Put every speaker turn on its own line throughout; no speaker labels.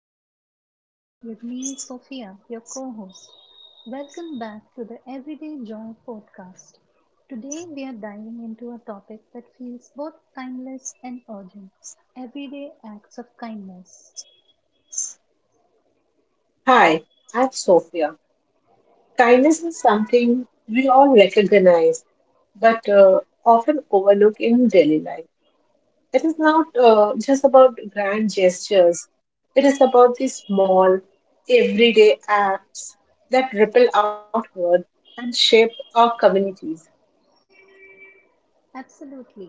Emma, your host. With me is Sophia, your co host. Welcome back to the Everyday Joy podcast. Today we are diving into a topic that feels both timeless and urgent, everyday acts of kindness.
Hi, I'm Sophia. Kindness is something we all recognize but often overlook in daily life. It is not just about grand gestures, it is about the small, everyday acts that ripple outward and shape our communities.
Absolutely.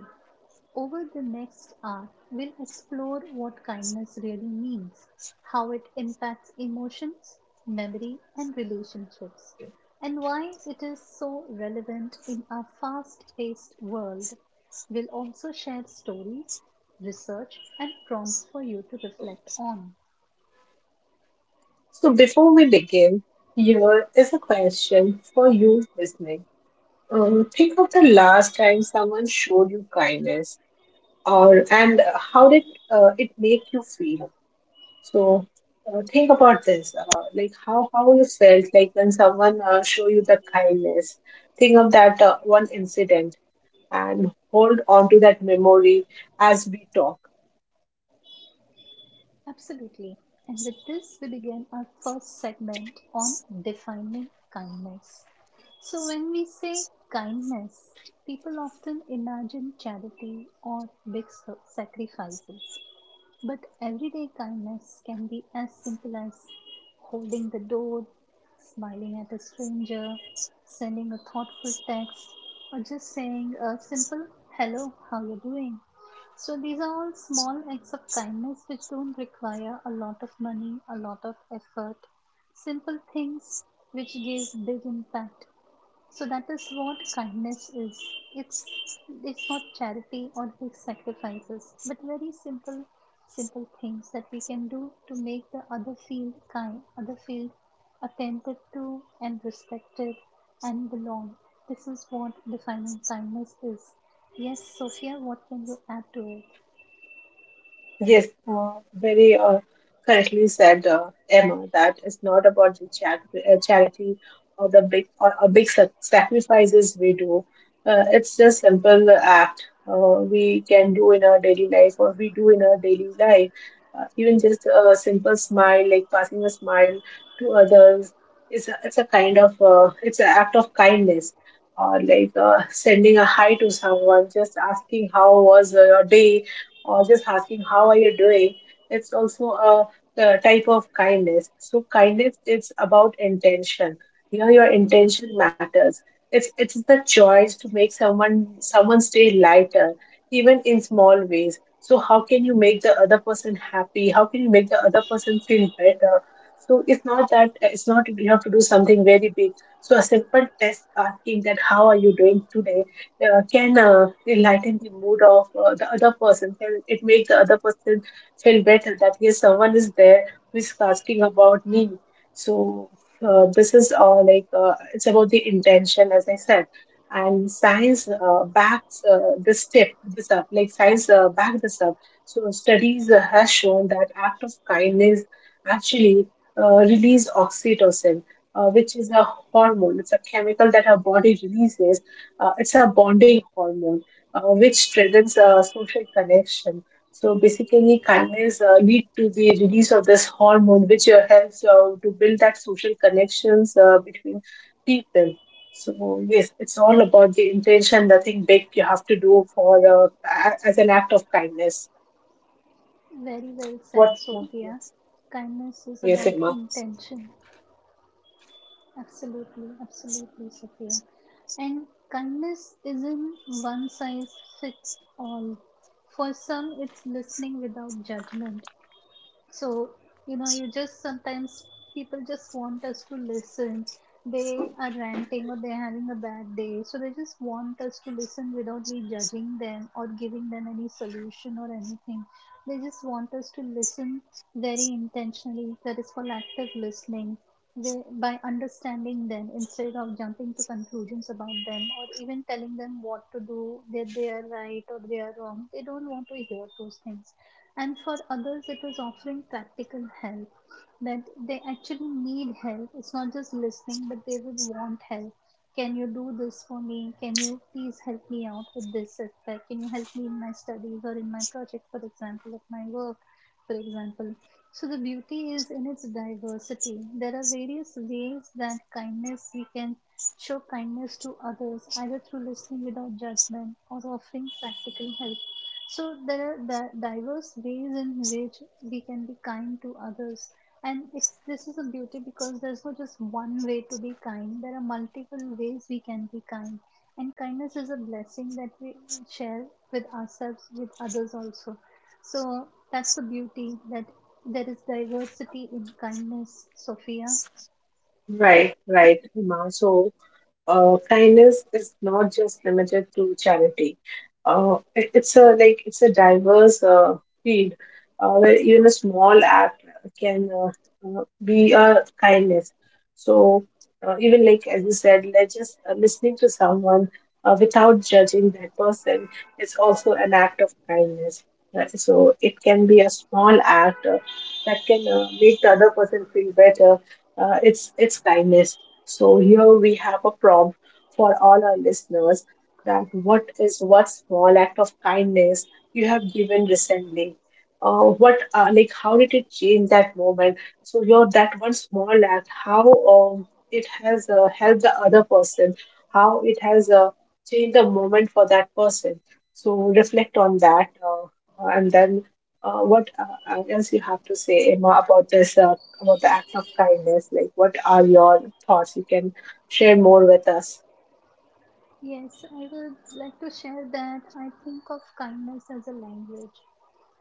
Over the next hour, we'll explore what kindness really means, how it impacts emotions, memory, and relationships, and why it is so relevant in our fast paced world. We'll also share stories, research, and prompts for you to reflect on.
So, before we begin, here is a question for you listening. Think of the last time someone showed you kindness or and how did it make you feel so think about this like how you felt like when someone show you the kindness, think of that one incident and hold on to that memory as we talk.
Absolutely. And with this, we begin our first segment on defining kindness. So, when we say kindness, people often imagine charity or big sacrifices. But everyday kindness can be as simple as holding the door, smiling at a stranger, sending a thoughtful text, or just saying a simple hello, how you doing? So these are all small acts of kindness which don't require a lot of money, a lot of effort. Simple things which give big impact, so that is what kindness is. It's it's not charity or big sacrifices, but very simple things that we can do to make the other feel kind, other feel attended to and respected and belong. This is what defining kindness is. Yes, Sophia, what can you add to it?
Yes, very correctly said, Emma, that it's not about the charity or the big or big sacrifices we do. It's just simple act we can do in our daily life or we do in our daily life. Even just a simple smile, like passing a smile to others, it's a kind of it's an act of kindness. Or like sending a hi to someone, just asking how was your day, or just asking how are you doing, it's also a, type of kindness. So kindness is about intention. Your intention matters. It's the choice to make someone's day lighter even in small ways. So how can you make the other person happy? How can you make the other person feel better? So it's not that, it's not you have to do something very big. So a simple test, asking that how are you doing today, can enlighten the mood of the other person. Can it make the other person feel better that yes, someone is there who is asking about me. So this is like it's about the intention, as I said, and science backs this up. Like science back this up. So studies has shown that act of kindness actually release oxytocin. Which is a hormone. It's a chemical that our body releases, it's a bonding hormone which strengthens social connection. So basically, kindness lead to the release of this hormone, which helps to build that social connections between people. So yes, it's all about the intention. Nothing big you have to do for as an act of kindness.
Very well said,
What?
Sophia. Kindness is
Yes,
about
Emma.
intention. Absolutely, absolutely, Sophia. And kindness isn't one size fits all. For some, it's listening without judgment. So, you know, you just sometimes people just want us to listen. They are ranting or they're having a bad day. So they just want us to listen without we judging them or giving them any solution or anything. They just want us to listen very intentionally. That is called active listening. By understanding them instead of jumping to conclusions about them or even telling them what to do, that they are right or they are wrong, they don't want to hear those things. And for others, it is offering practical help, that they actually need help. It's not just listening, but they would want help. Can you do this for me? Can you please help me out with this aspect? Can you help me in my studies or in my project, for example, of my work, for example? So the beauty is in its diversity. There are various ways that kindness we can show kindness to others, either through listening without judgment or offering practical help. So there are diverse ways in which we can be kind to others, and it's this is a beauty because there's not just one way to be kind. There are multiple ways we can be kind, and kindness is a blessing that we share with ourselves, with others also. So that's the beauty, that there is diversity in kindness, Sophia.
Right, right, Emma. So kindness is not just limited to charity. It- it's a like it's a diverse field where even a small act can be a kindness. So even like as you said, like just listening to someone without judging that person is also an act of kindness. Right? So it can be a small act that can make the other person feel better. It's kindness. So here we have a prompt for all our listeners, that what is, what small act of kindness you have given recently? What like how did it change that moment? So your that one small act, how it has helped the other person, how it has changed the moment for that person. So reflect on that, and then what else you have to say, Emma, about this about the act of kindness. Like, what are your thoughts? You can share more with us.
Yes, I would like to share that I think of kindness as a language.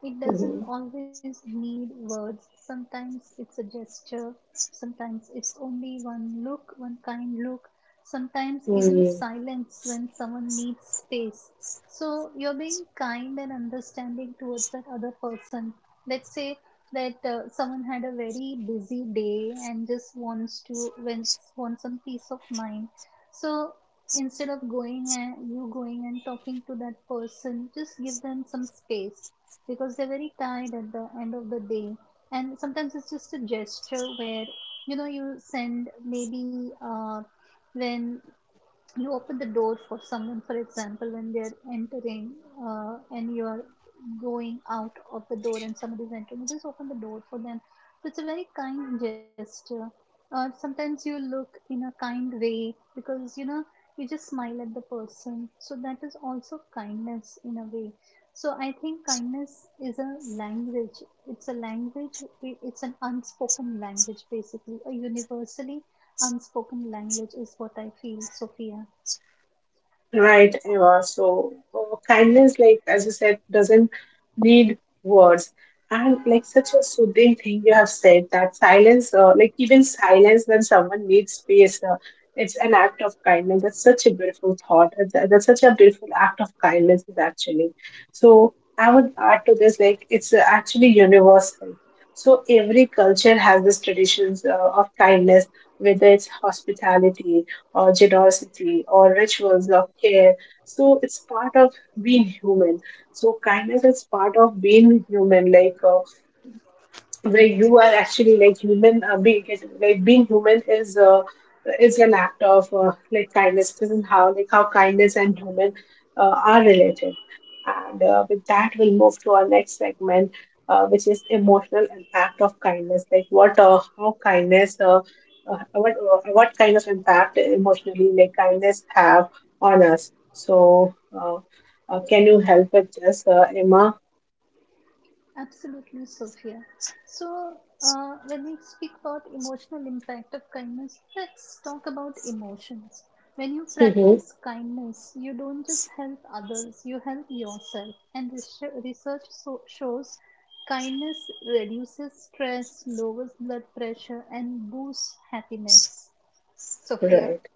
It doesn't
Mhm.
always need words. Sometimes it's a gesture. Sometimes it's only one look, one kind look. Sometimes even silence when someone needs space. So you're being kind and understanding towards that other person. Let's say that someone had a very busy day and just wants some peace of mind. So instead of going and you going and talking to that person, just give them some space because they're very tired at the end of the day. And sometimes it's just a gesture where, you know, you send maybe when you open the door for someone, for example, when they're entering, and you're going out of the door and somebody's entering, you just open the door for them. So it's a very kind gesture. Sometimes you look in a kind way because, you know, you just smile at the person. So that is also kindness in a way. So I think kindness is a language. It's a language. It's an unspoken language, basically, a universally unspoken language is what I feel, Sophia.
Right, Eva. So kindness, like as you said, doesn't need words. And like such a soothing thing you have said, that silence, like even silence when someone needs space, it's an act of kindness. That's such a beautiful thought. That's such a beautiful act of kindness, is actually. So I would add to this, like it's actually universal. So every culture has this traditions of kindness, whether it's hospitality or generosity or rituals of care. So it's part of being human. So kindness is part of being human. Like where you are actually like human being, like being human is an act of like kindness. This is how, like how kindness and human are related. And with that, we'll move to our next segment, which is emotional impact of kindness. Like what how kindness what kind of impact emotionally, like kindness have on us. So can you help with this, Emma?
Absolutely, Sophia. So, when we speak about emotional impact of kindness, let's talk about emotions. When you
Hmm.
practice kindness, you don't just help others, you help yourself. And research shows kindness reduces stress, lowers blood pressure, and boosts happiness. Sophia.
Right,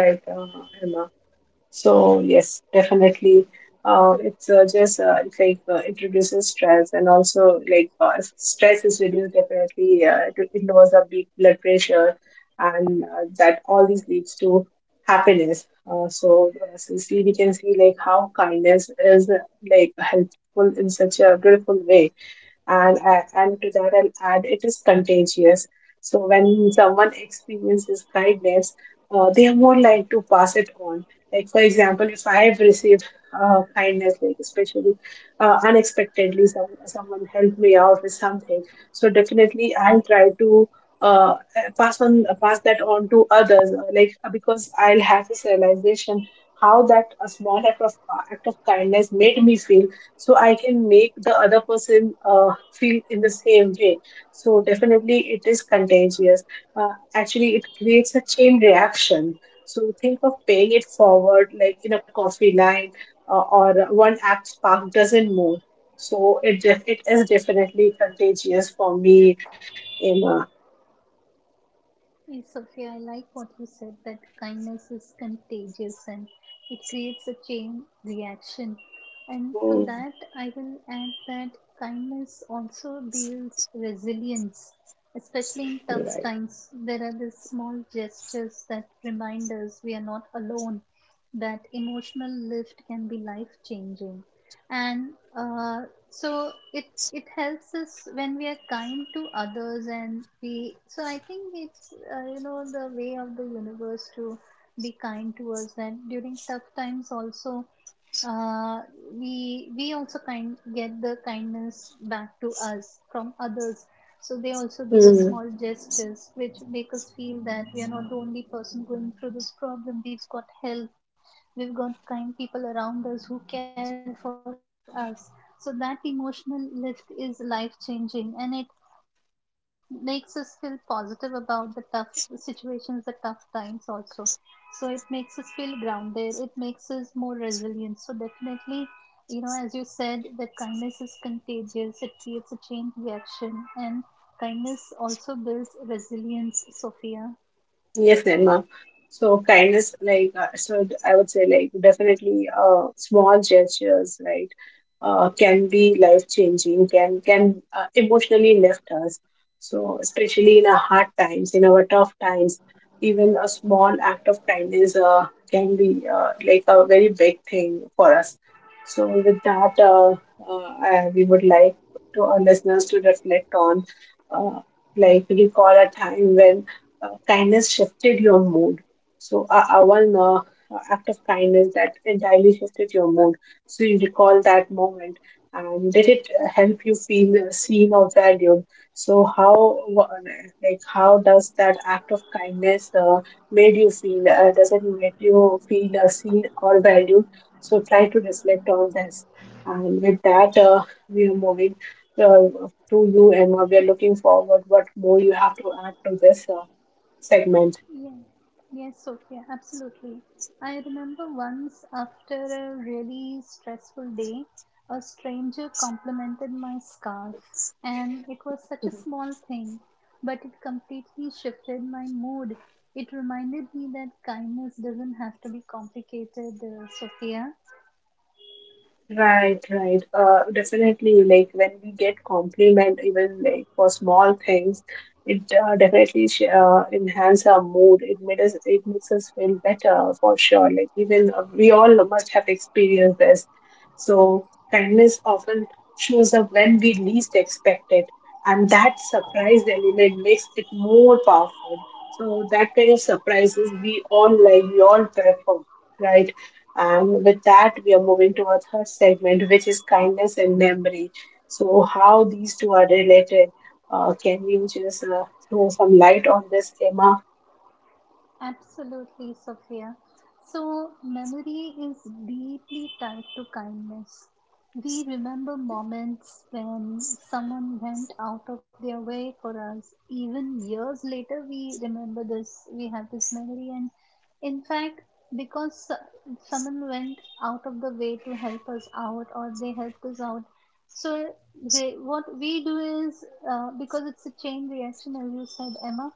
right, Emma. So yes, definitely. It's just it's like it reduces stress and also like if stress is reduced definitely. It lowers our big blood pressure, and that, all this leads to happiness. So so see, we can see like how kindness is like helpful in such a beautiful way. And and to that I'll add, it is contagious. So when someone experiences kindness, they are more like to pass it on. Like for example, if I have received kindness, like especially unexpectedly, someone helped me out with something, so definitely I'll try to uh, pass that on to others. Like because I'll have this realization how that a small act of kindness made me feel, so I can make the other person feel in the same way. So definitely it is contagious. Actually, it creates a chain reaction. So think of paying it forward, like in a coffee line, or one act spark doesn't move. So it it is definitely contagious for me, Emma.
Yeah, Sophia, I like what you said, that kindness is contagious and it creates a chain reaction. And to
Mm.
that, I will add that kindness also builds resilience, especially in tough times. There are these small gestures that remind us we are not alone, that emotional lift can be life changing. And uh, so it helps us when we are kind to others. And we, so I think it's you know, the way of the universe to be kind to us, that during tough times also, uh, we also kind get the kindness back to us from others. So they also give us
Right.
small gestures which make us feel that we are not the only person going through this problem. We've got help, we've got kind people around us who care for us. So that emotional lift is life changing, and it makes us feel positive about the tough situations, the tough times also. So it makes us feel grounded, it makes us more resilient. So definitely, you know, as you said, that kindness is contagious, it creates a chain reaction, and kindness also builds resilience, Sophia.
Yes, Nirma. So kindness, like I would say like definitely, small gestures, right, can be life changing. Can emotionally lift us. So especially in our hard times, in our tough times, even a small act of kindness can be like a very big thing for us. So with that, we would like to our listeners to reflect on, uh, like recall a time when kindness shifted your mood. So one act of kindness that entirely shifted your mood. So you recall that moment, and did it help you feel seen or valued? So like how does that act of kindness made you feel? Does it make you feel seen or valued? So try to reflect on this. And with that, we are moving to you, Emma. We are looking forward what more you have to add to this segment.
Yeah. Yes, Sophia, absolutely. I remember once after a really stressful day, a stranger complimented my scarf, and it was such a small thing, but it completely shifted my mood. It reminded me that kindness doesn't have to be complicated, Sophia.
Right, right. Definitely, like when we get compliment, even like for small things, it definitely enhance our mood. It makes us feel better for sure. Like even we all must have experienced this. So kindness often shows up when we least expect it, and that surprise element makes it more powerful. So that kind of surprises we all like, we all prefer, right? And with that, we are moving to our third segment, which is kindness and memory. So, how these two are related? Can you just throw some light on this, Emma?
Absolutely, Sophia. So, memory is deeply tied to kindness. We remember moments when someone went out of their way for us. Even years later, we remember this. We have this memory, and in fact, because someone went out of the way to help us out, or they helped us out. So they, what we do is, because it's a chain reaction, as you said, Emma.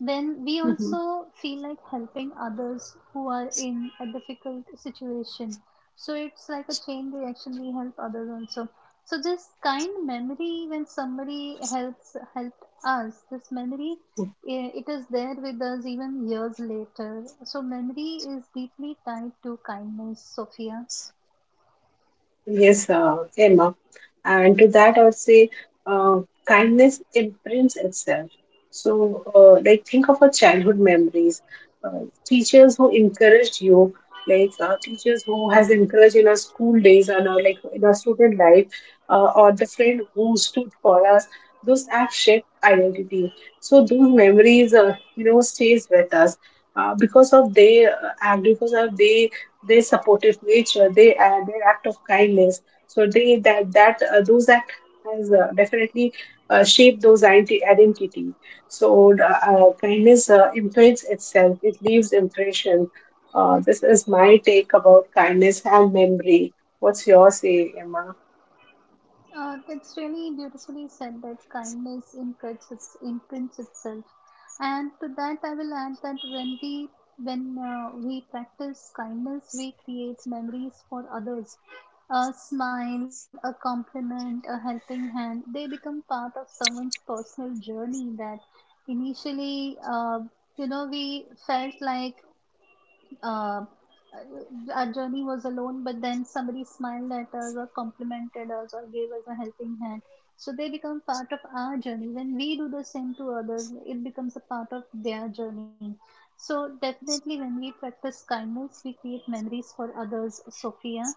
Then we also feel like helping others who are in a difficult situation. So it's like a chain reaction. We help others also. So this kind memory, when somebody helps helped us, this memory, it is there with us even years later. So, memory is deeply tied to kindness, Sophia.
Yes, Emma. And to that, I would say uh, kindness imprints itself. So, like, think of our childhood memories, teachers who encouraged you, like teachers who has encouraged in our school days and our like in our student life, or the friend who stood for us. Those acts shape identity. So those memories, you know, stays with us because of they act because of they, their supportive nature, they their act of kindness. So they, that that those act has definitely shaped those identity. So kindness imprints itself; it leaves impression. This is my take about kindness and memory. What's your say, Emma?
It's really beautifully said that kindness imprints itself. And to that, I will add that when we practice kindness, we create memories for others. A smile, a compliment, a helping hand, they become part of someone's personal journey, that initially you know, we felt like uh, our journey was alone, but then somebody smiled at us or complimented us or gave us a helping hand. So they become part of our journey. When we do the same to others, it becomes a part of their journey. So definitely, when we practice kindness, we create memories for others. Sophia,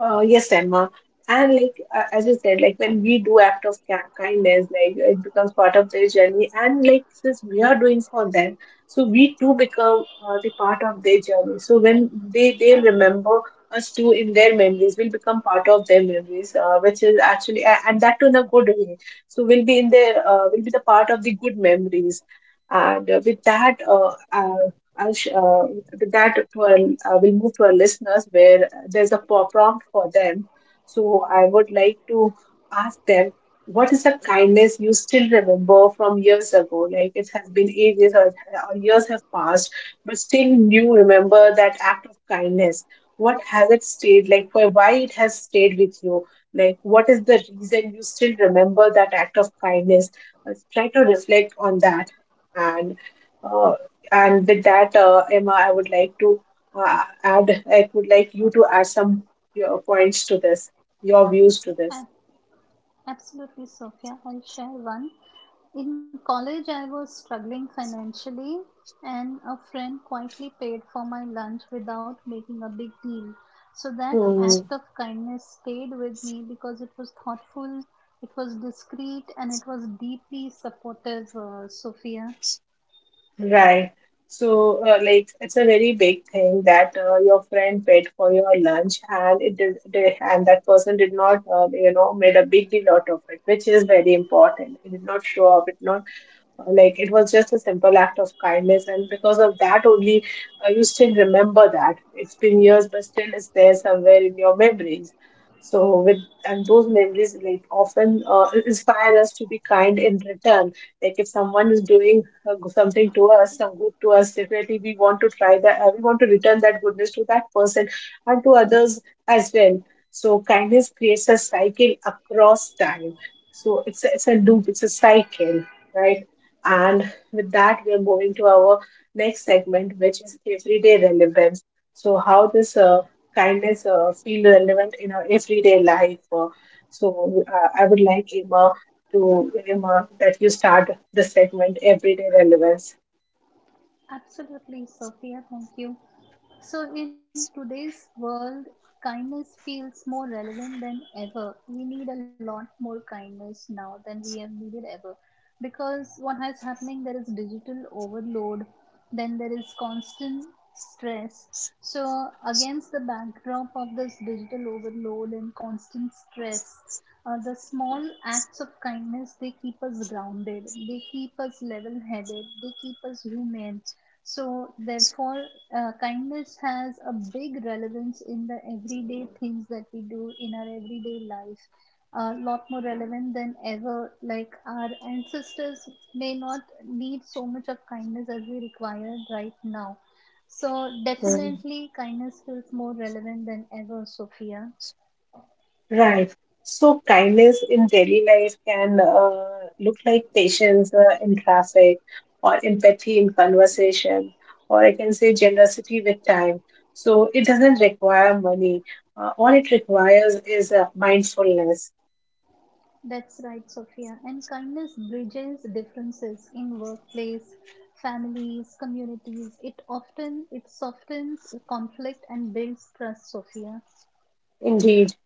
Yes, Emma. And like as you said, like when we do act of kindness, like it becomes part of their journey. And like since we are doing for them, so we too become the part of their journey. So when they remember us too in their memories, we'll become part of their memories, which is actually and that too in a good way. So we'll be in their we'll be the part of the good memories. And with that, Ansh, uh, with that to our, we'll move to our listeners where there's a prompt for them. So I would like to ask them, what is the kindness you still remember from years ago? Like it has been ages or years have passed, but still you remember that act of kindness. What has it stayed like? Why it has stayed with you? Like what is the reason you still remember that act of kindness? Try to reflect on that and uh, and with that, Emma, I would like to add, I would like you to add some your points to this, your views to this.
A- absolutely, Sophia. I'll share one. In college, I was struggling financially, and a friend quietly paid for my lunch without making a big deal. So that
Hmm.
act of kindness stayed with me because it was thoughtful, it was discreet, and it was deeply supportive, Sophia.
Right. So, like, it's a very big thing that your friend paid for your lunch, and that person did not, made a big deal out of it, which is very important. It did not show up. It not Like it was just a simple act of kindness, and because of that only, you still remember that. It's been years, but still it's there somewhere in your memories. So with and those memories like often inspire us to be kind in return. Like if someone is doing something to us, some good to us, definitely we want to try that. We want to return that goodness to that person and to others as well. So kindness creates a cycle across time. So it's a loop, it's a cycle, right? And with that, we are moving to our next segment, which is everyday relevance. So, how this kindness feel relevant in our everyday life. I would like Emma that you start the segment everyday relevance.
Absolutely, Sophia. Thank you. So, in today's world, kindness feels more relevant than ever. We need a lot more kindness now than we have needed ever, because what has happening there is digital overload, then there is constant stress. So, against the backdrop of this digital overload and constant stress, the small acts of kindness, they keep us grounded, they keep us level headed, they keep us human. So, therefore, kindness has a big relevance in the everyday things that we do in our everyday life. A lot more relevant than ever. Like, our ancestors may not need so much of kindness as we require right now. So, definitely, kindness feels more relevant than ever, Sophia.
Right. So kindness in daily life can look like patience in traffic or empathy in conversation, or I can say generosity with time. So it doesn't require money. All it requires is mindfulness.
That's right, Sophia. And kindness bridges differences in workplace, families, communities. It often it softens conflict and builds trust, Sophia.
Indeed.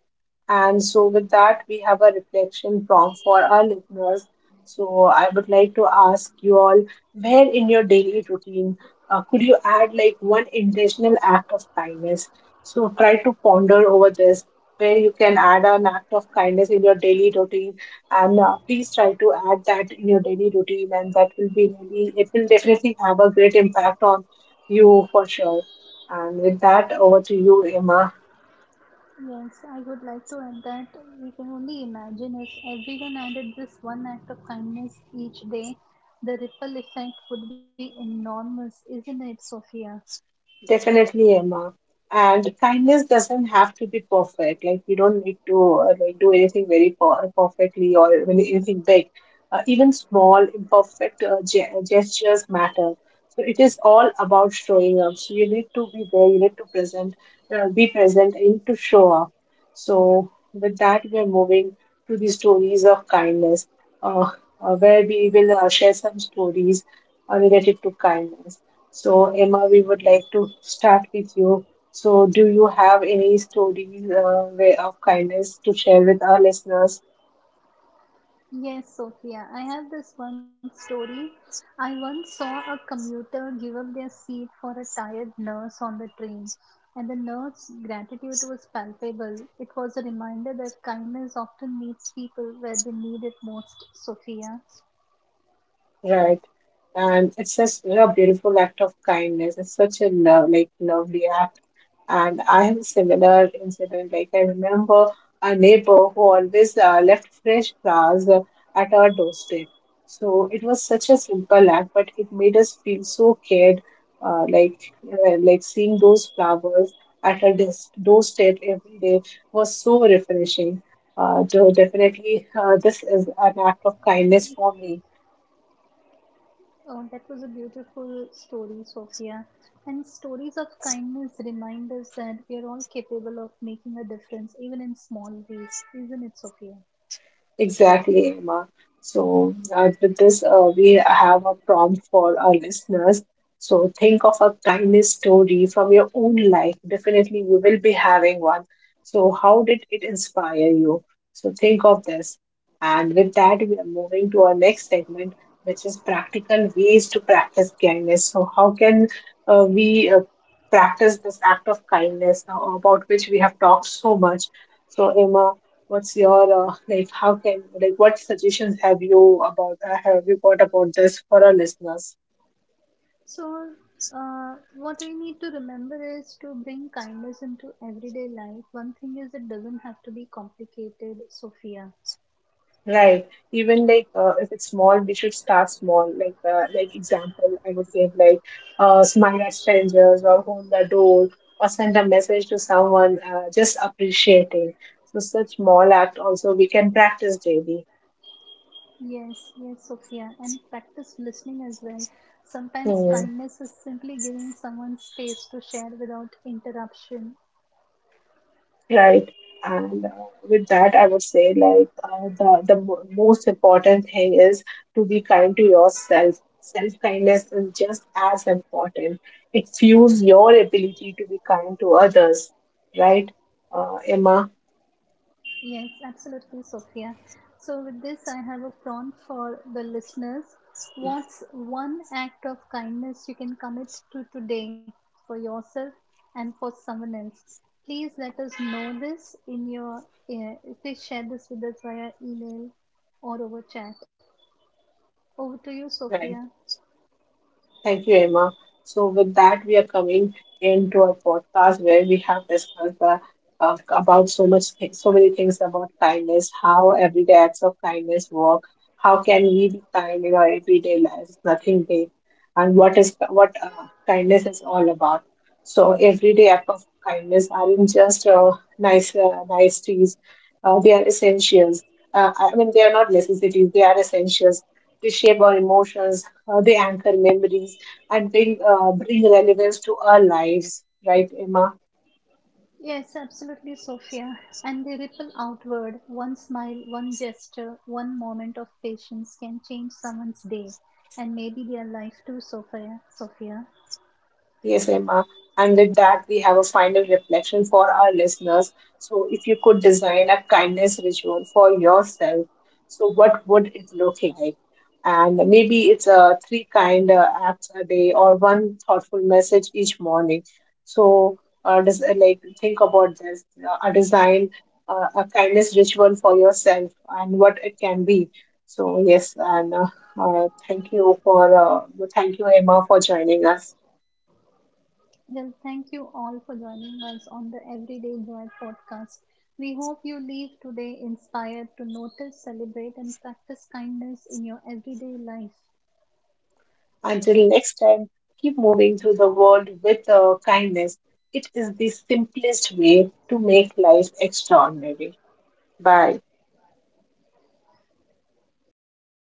And so, with that, we have a reflection prompt for our listeners. So, I would like to ask you all where in your daily routine could you add like one intentional act of kindness? So, try to ponder over this where you can add an act of kindness in your daily routine. And please try to add that in your daily routine, and that will be really, it will definitely have a great impact on you for sure. And with that, over to you, Emma.
Yes, I would like to add that we can only imagine if everyone added this one act of kindness each day, the ripple effect would be enormous, isn't it, Sophia?
Definitely, Emma. And kindness doesn't have to be perfect. Like you don't need to like do anything very perfectly or even anything big. Even small, imperfect gestures matter. So it is all about showing up. So you need to be there. You need to present, be present. You need to show up. So with that, we are moving to the stories of kindness, uh, where we will share some stories related to kindness. So, Emma, we would like to start with you. So, do you have any stories way of kindness to share with our listeners?
Yes, Sophia, I have this one story. I once saw a commuter give up their seat for a tired nurse on the train, and the nurse's gratitude was palpable. It was a reminder that kindness often meets people where they need it most, Sophia.
Right. And it's just a beautiful act of kindness. It's such a love, like lovely act. And I have a similar incident. Like I remember a neighbor who always left fresh flowers at our doorstep. So it was such a simple act, but it made us feel so cared. Uh, like like seeing those flowers at our doorstep every day was so refreshing. So definitely, this is an act of kindness for me.
Oh, that was a beautiful story, Sophia. And stories of kindness remind us that we are all capable of making a difference, even in small ways, isn't it, Sophia?
Exactly, Emma. So, with this, we have a prompt for our listeners. So, think of a kindness story from your own life. Definitely, you will be having one. So, how did it inspire you? So, think of this. And with that, we are moving to our next segment, which is practical ways to practice kindness. So, how can we practice this act of kindness now, about which we have talked so much? So, Emma, what's your How can what suggestions have you about have you got about this for our listeners?
So, what we need to remember is to bring kindness into everyday life. One thing is, it doesn't have to be complicated, Sophia.
Right. Even if it's small, we should start small. Like example, I would give like smile at strangers or hold the door or send a message to someone. Just appreciating. So such small act also we can practice daily.
Yes, yes, Sophia. And practice listening as well. Sometimes
Hmm.
kindness is simply giving someone space to share without interruption.
Right. And with that, I would say like the most important thing is to be kind to yourself. Self-kindness is just as important. It fuels your ability to be kind to others, right, Emma?
Yes, absolutely, Sophia. So, with this, I have a prompt for the listeners. What's one act of kindness you can commit to today, for yourself and for someone else? Please let us know this in your. Uh, please share this with us via email or over chat. Over to you, Sophia.
Right. Thank you, Emma. So, with that, we are coming into our podcast where we have discussed about so much, so many things about kindness, how everyday acts of kindness work, how can we be kind in our everyday lives, nothing big, and what kindness is all about. So, everyday act of kindness aren't just nice niceties; they are essentials. I mean, they are not necessities; they are essentials. They shape our emotions, they anchor memories and bring relevance to our lives, right, Emma?
Yes, absolutely, Sophia. And they ripple outward. One smile, one gesture, one moment of patience can change someone's day and maybe their life too, Sophia. Sophia.
Yes, Emma. And with that, we have a final reflection for our listeners. So, if you could design a kindness ritual for yourself, so what would it look like? And maybe it's a three kind acts a day or one thoughtful message each morning. So, like think about this: a design a kindness ritual for yourself and what it can be. So, yes, and thank you for thank you, Emma, for joining us.
Well, thank you all for joining us on the Everyday Joy podcast. We hope you leave today inspired to notice, celebrate, and practice kindness in your everyday life.
Until next time, keep moving through the world with kindness. It is the simplest way to make life extraordinary. Bye.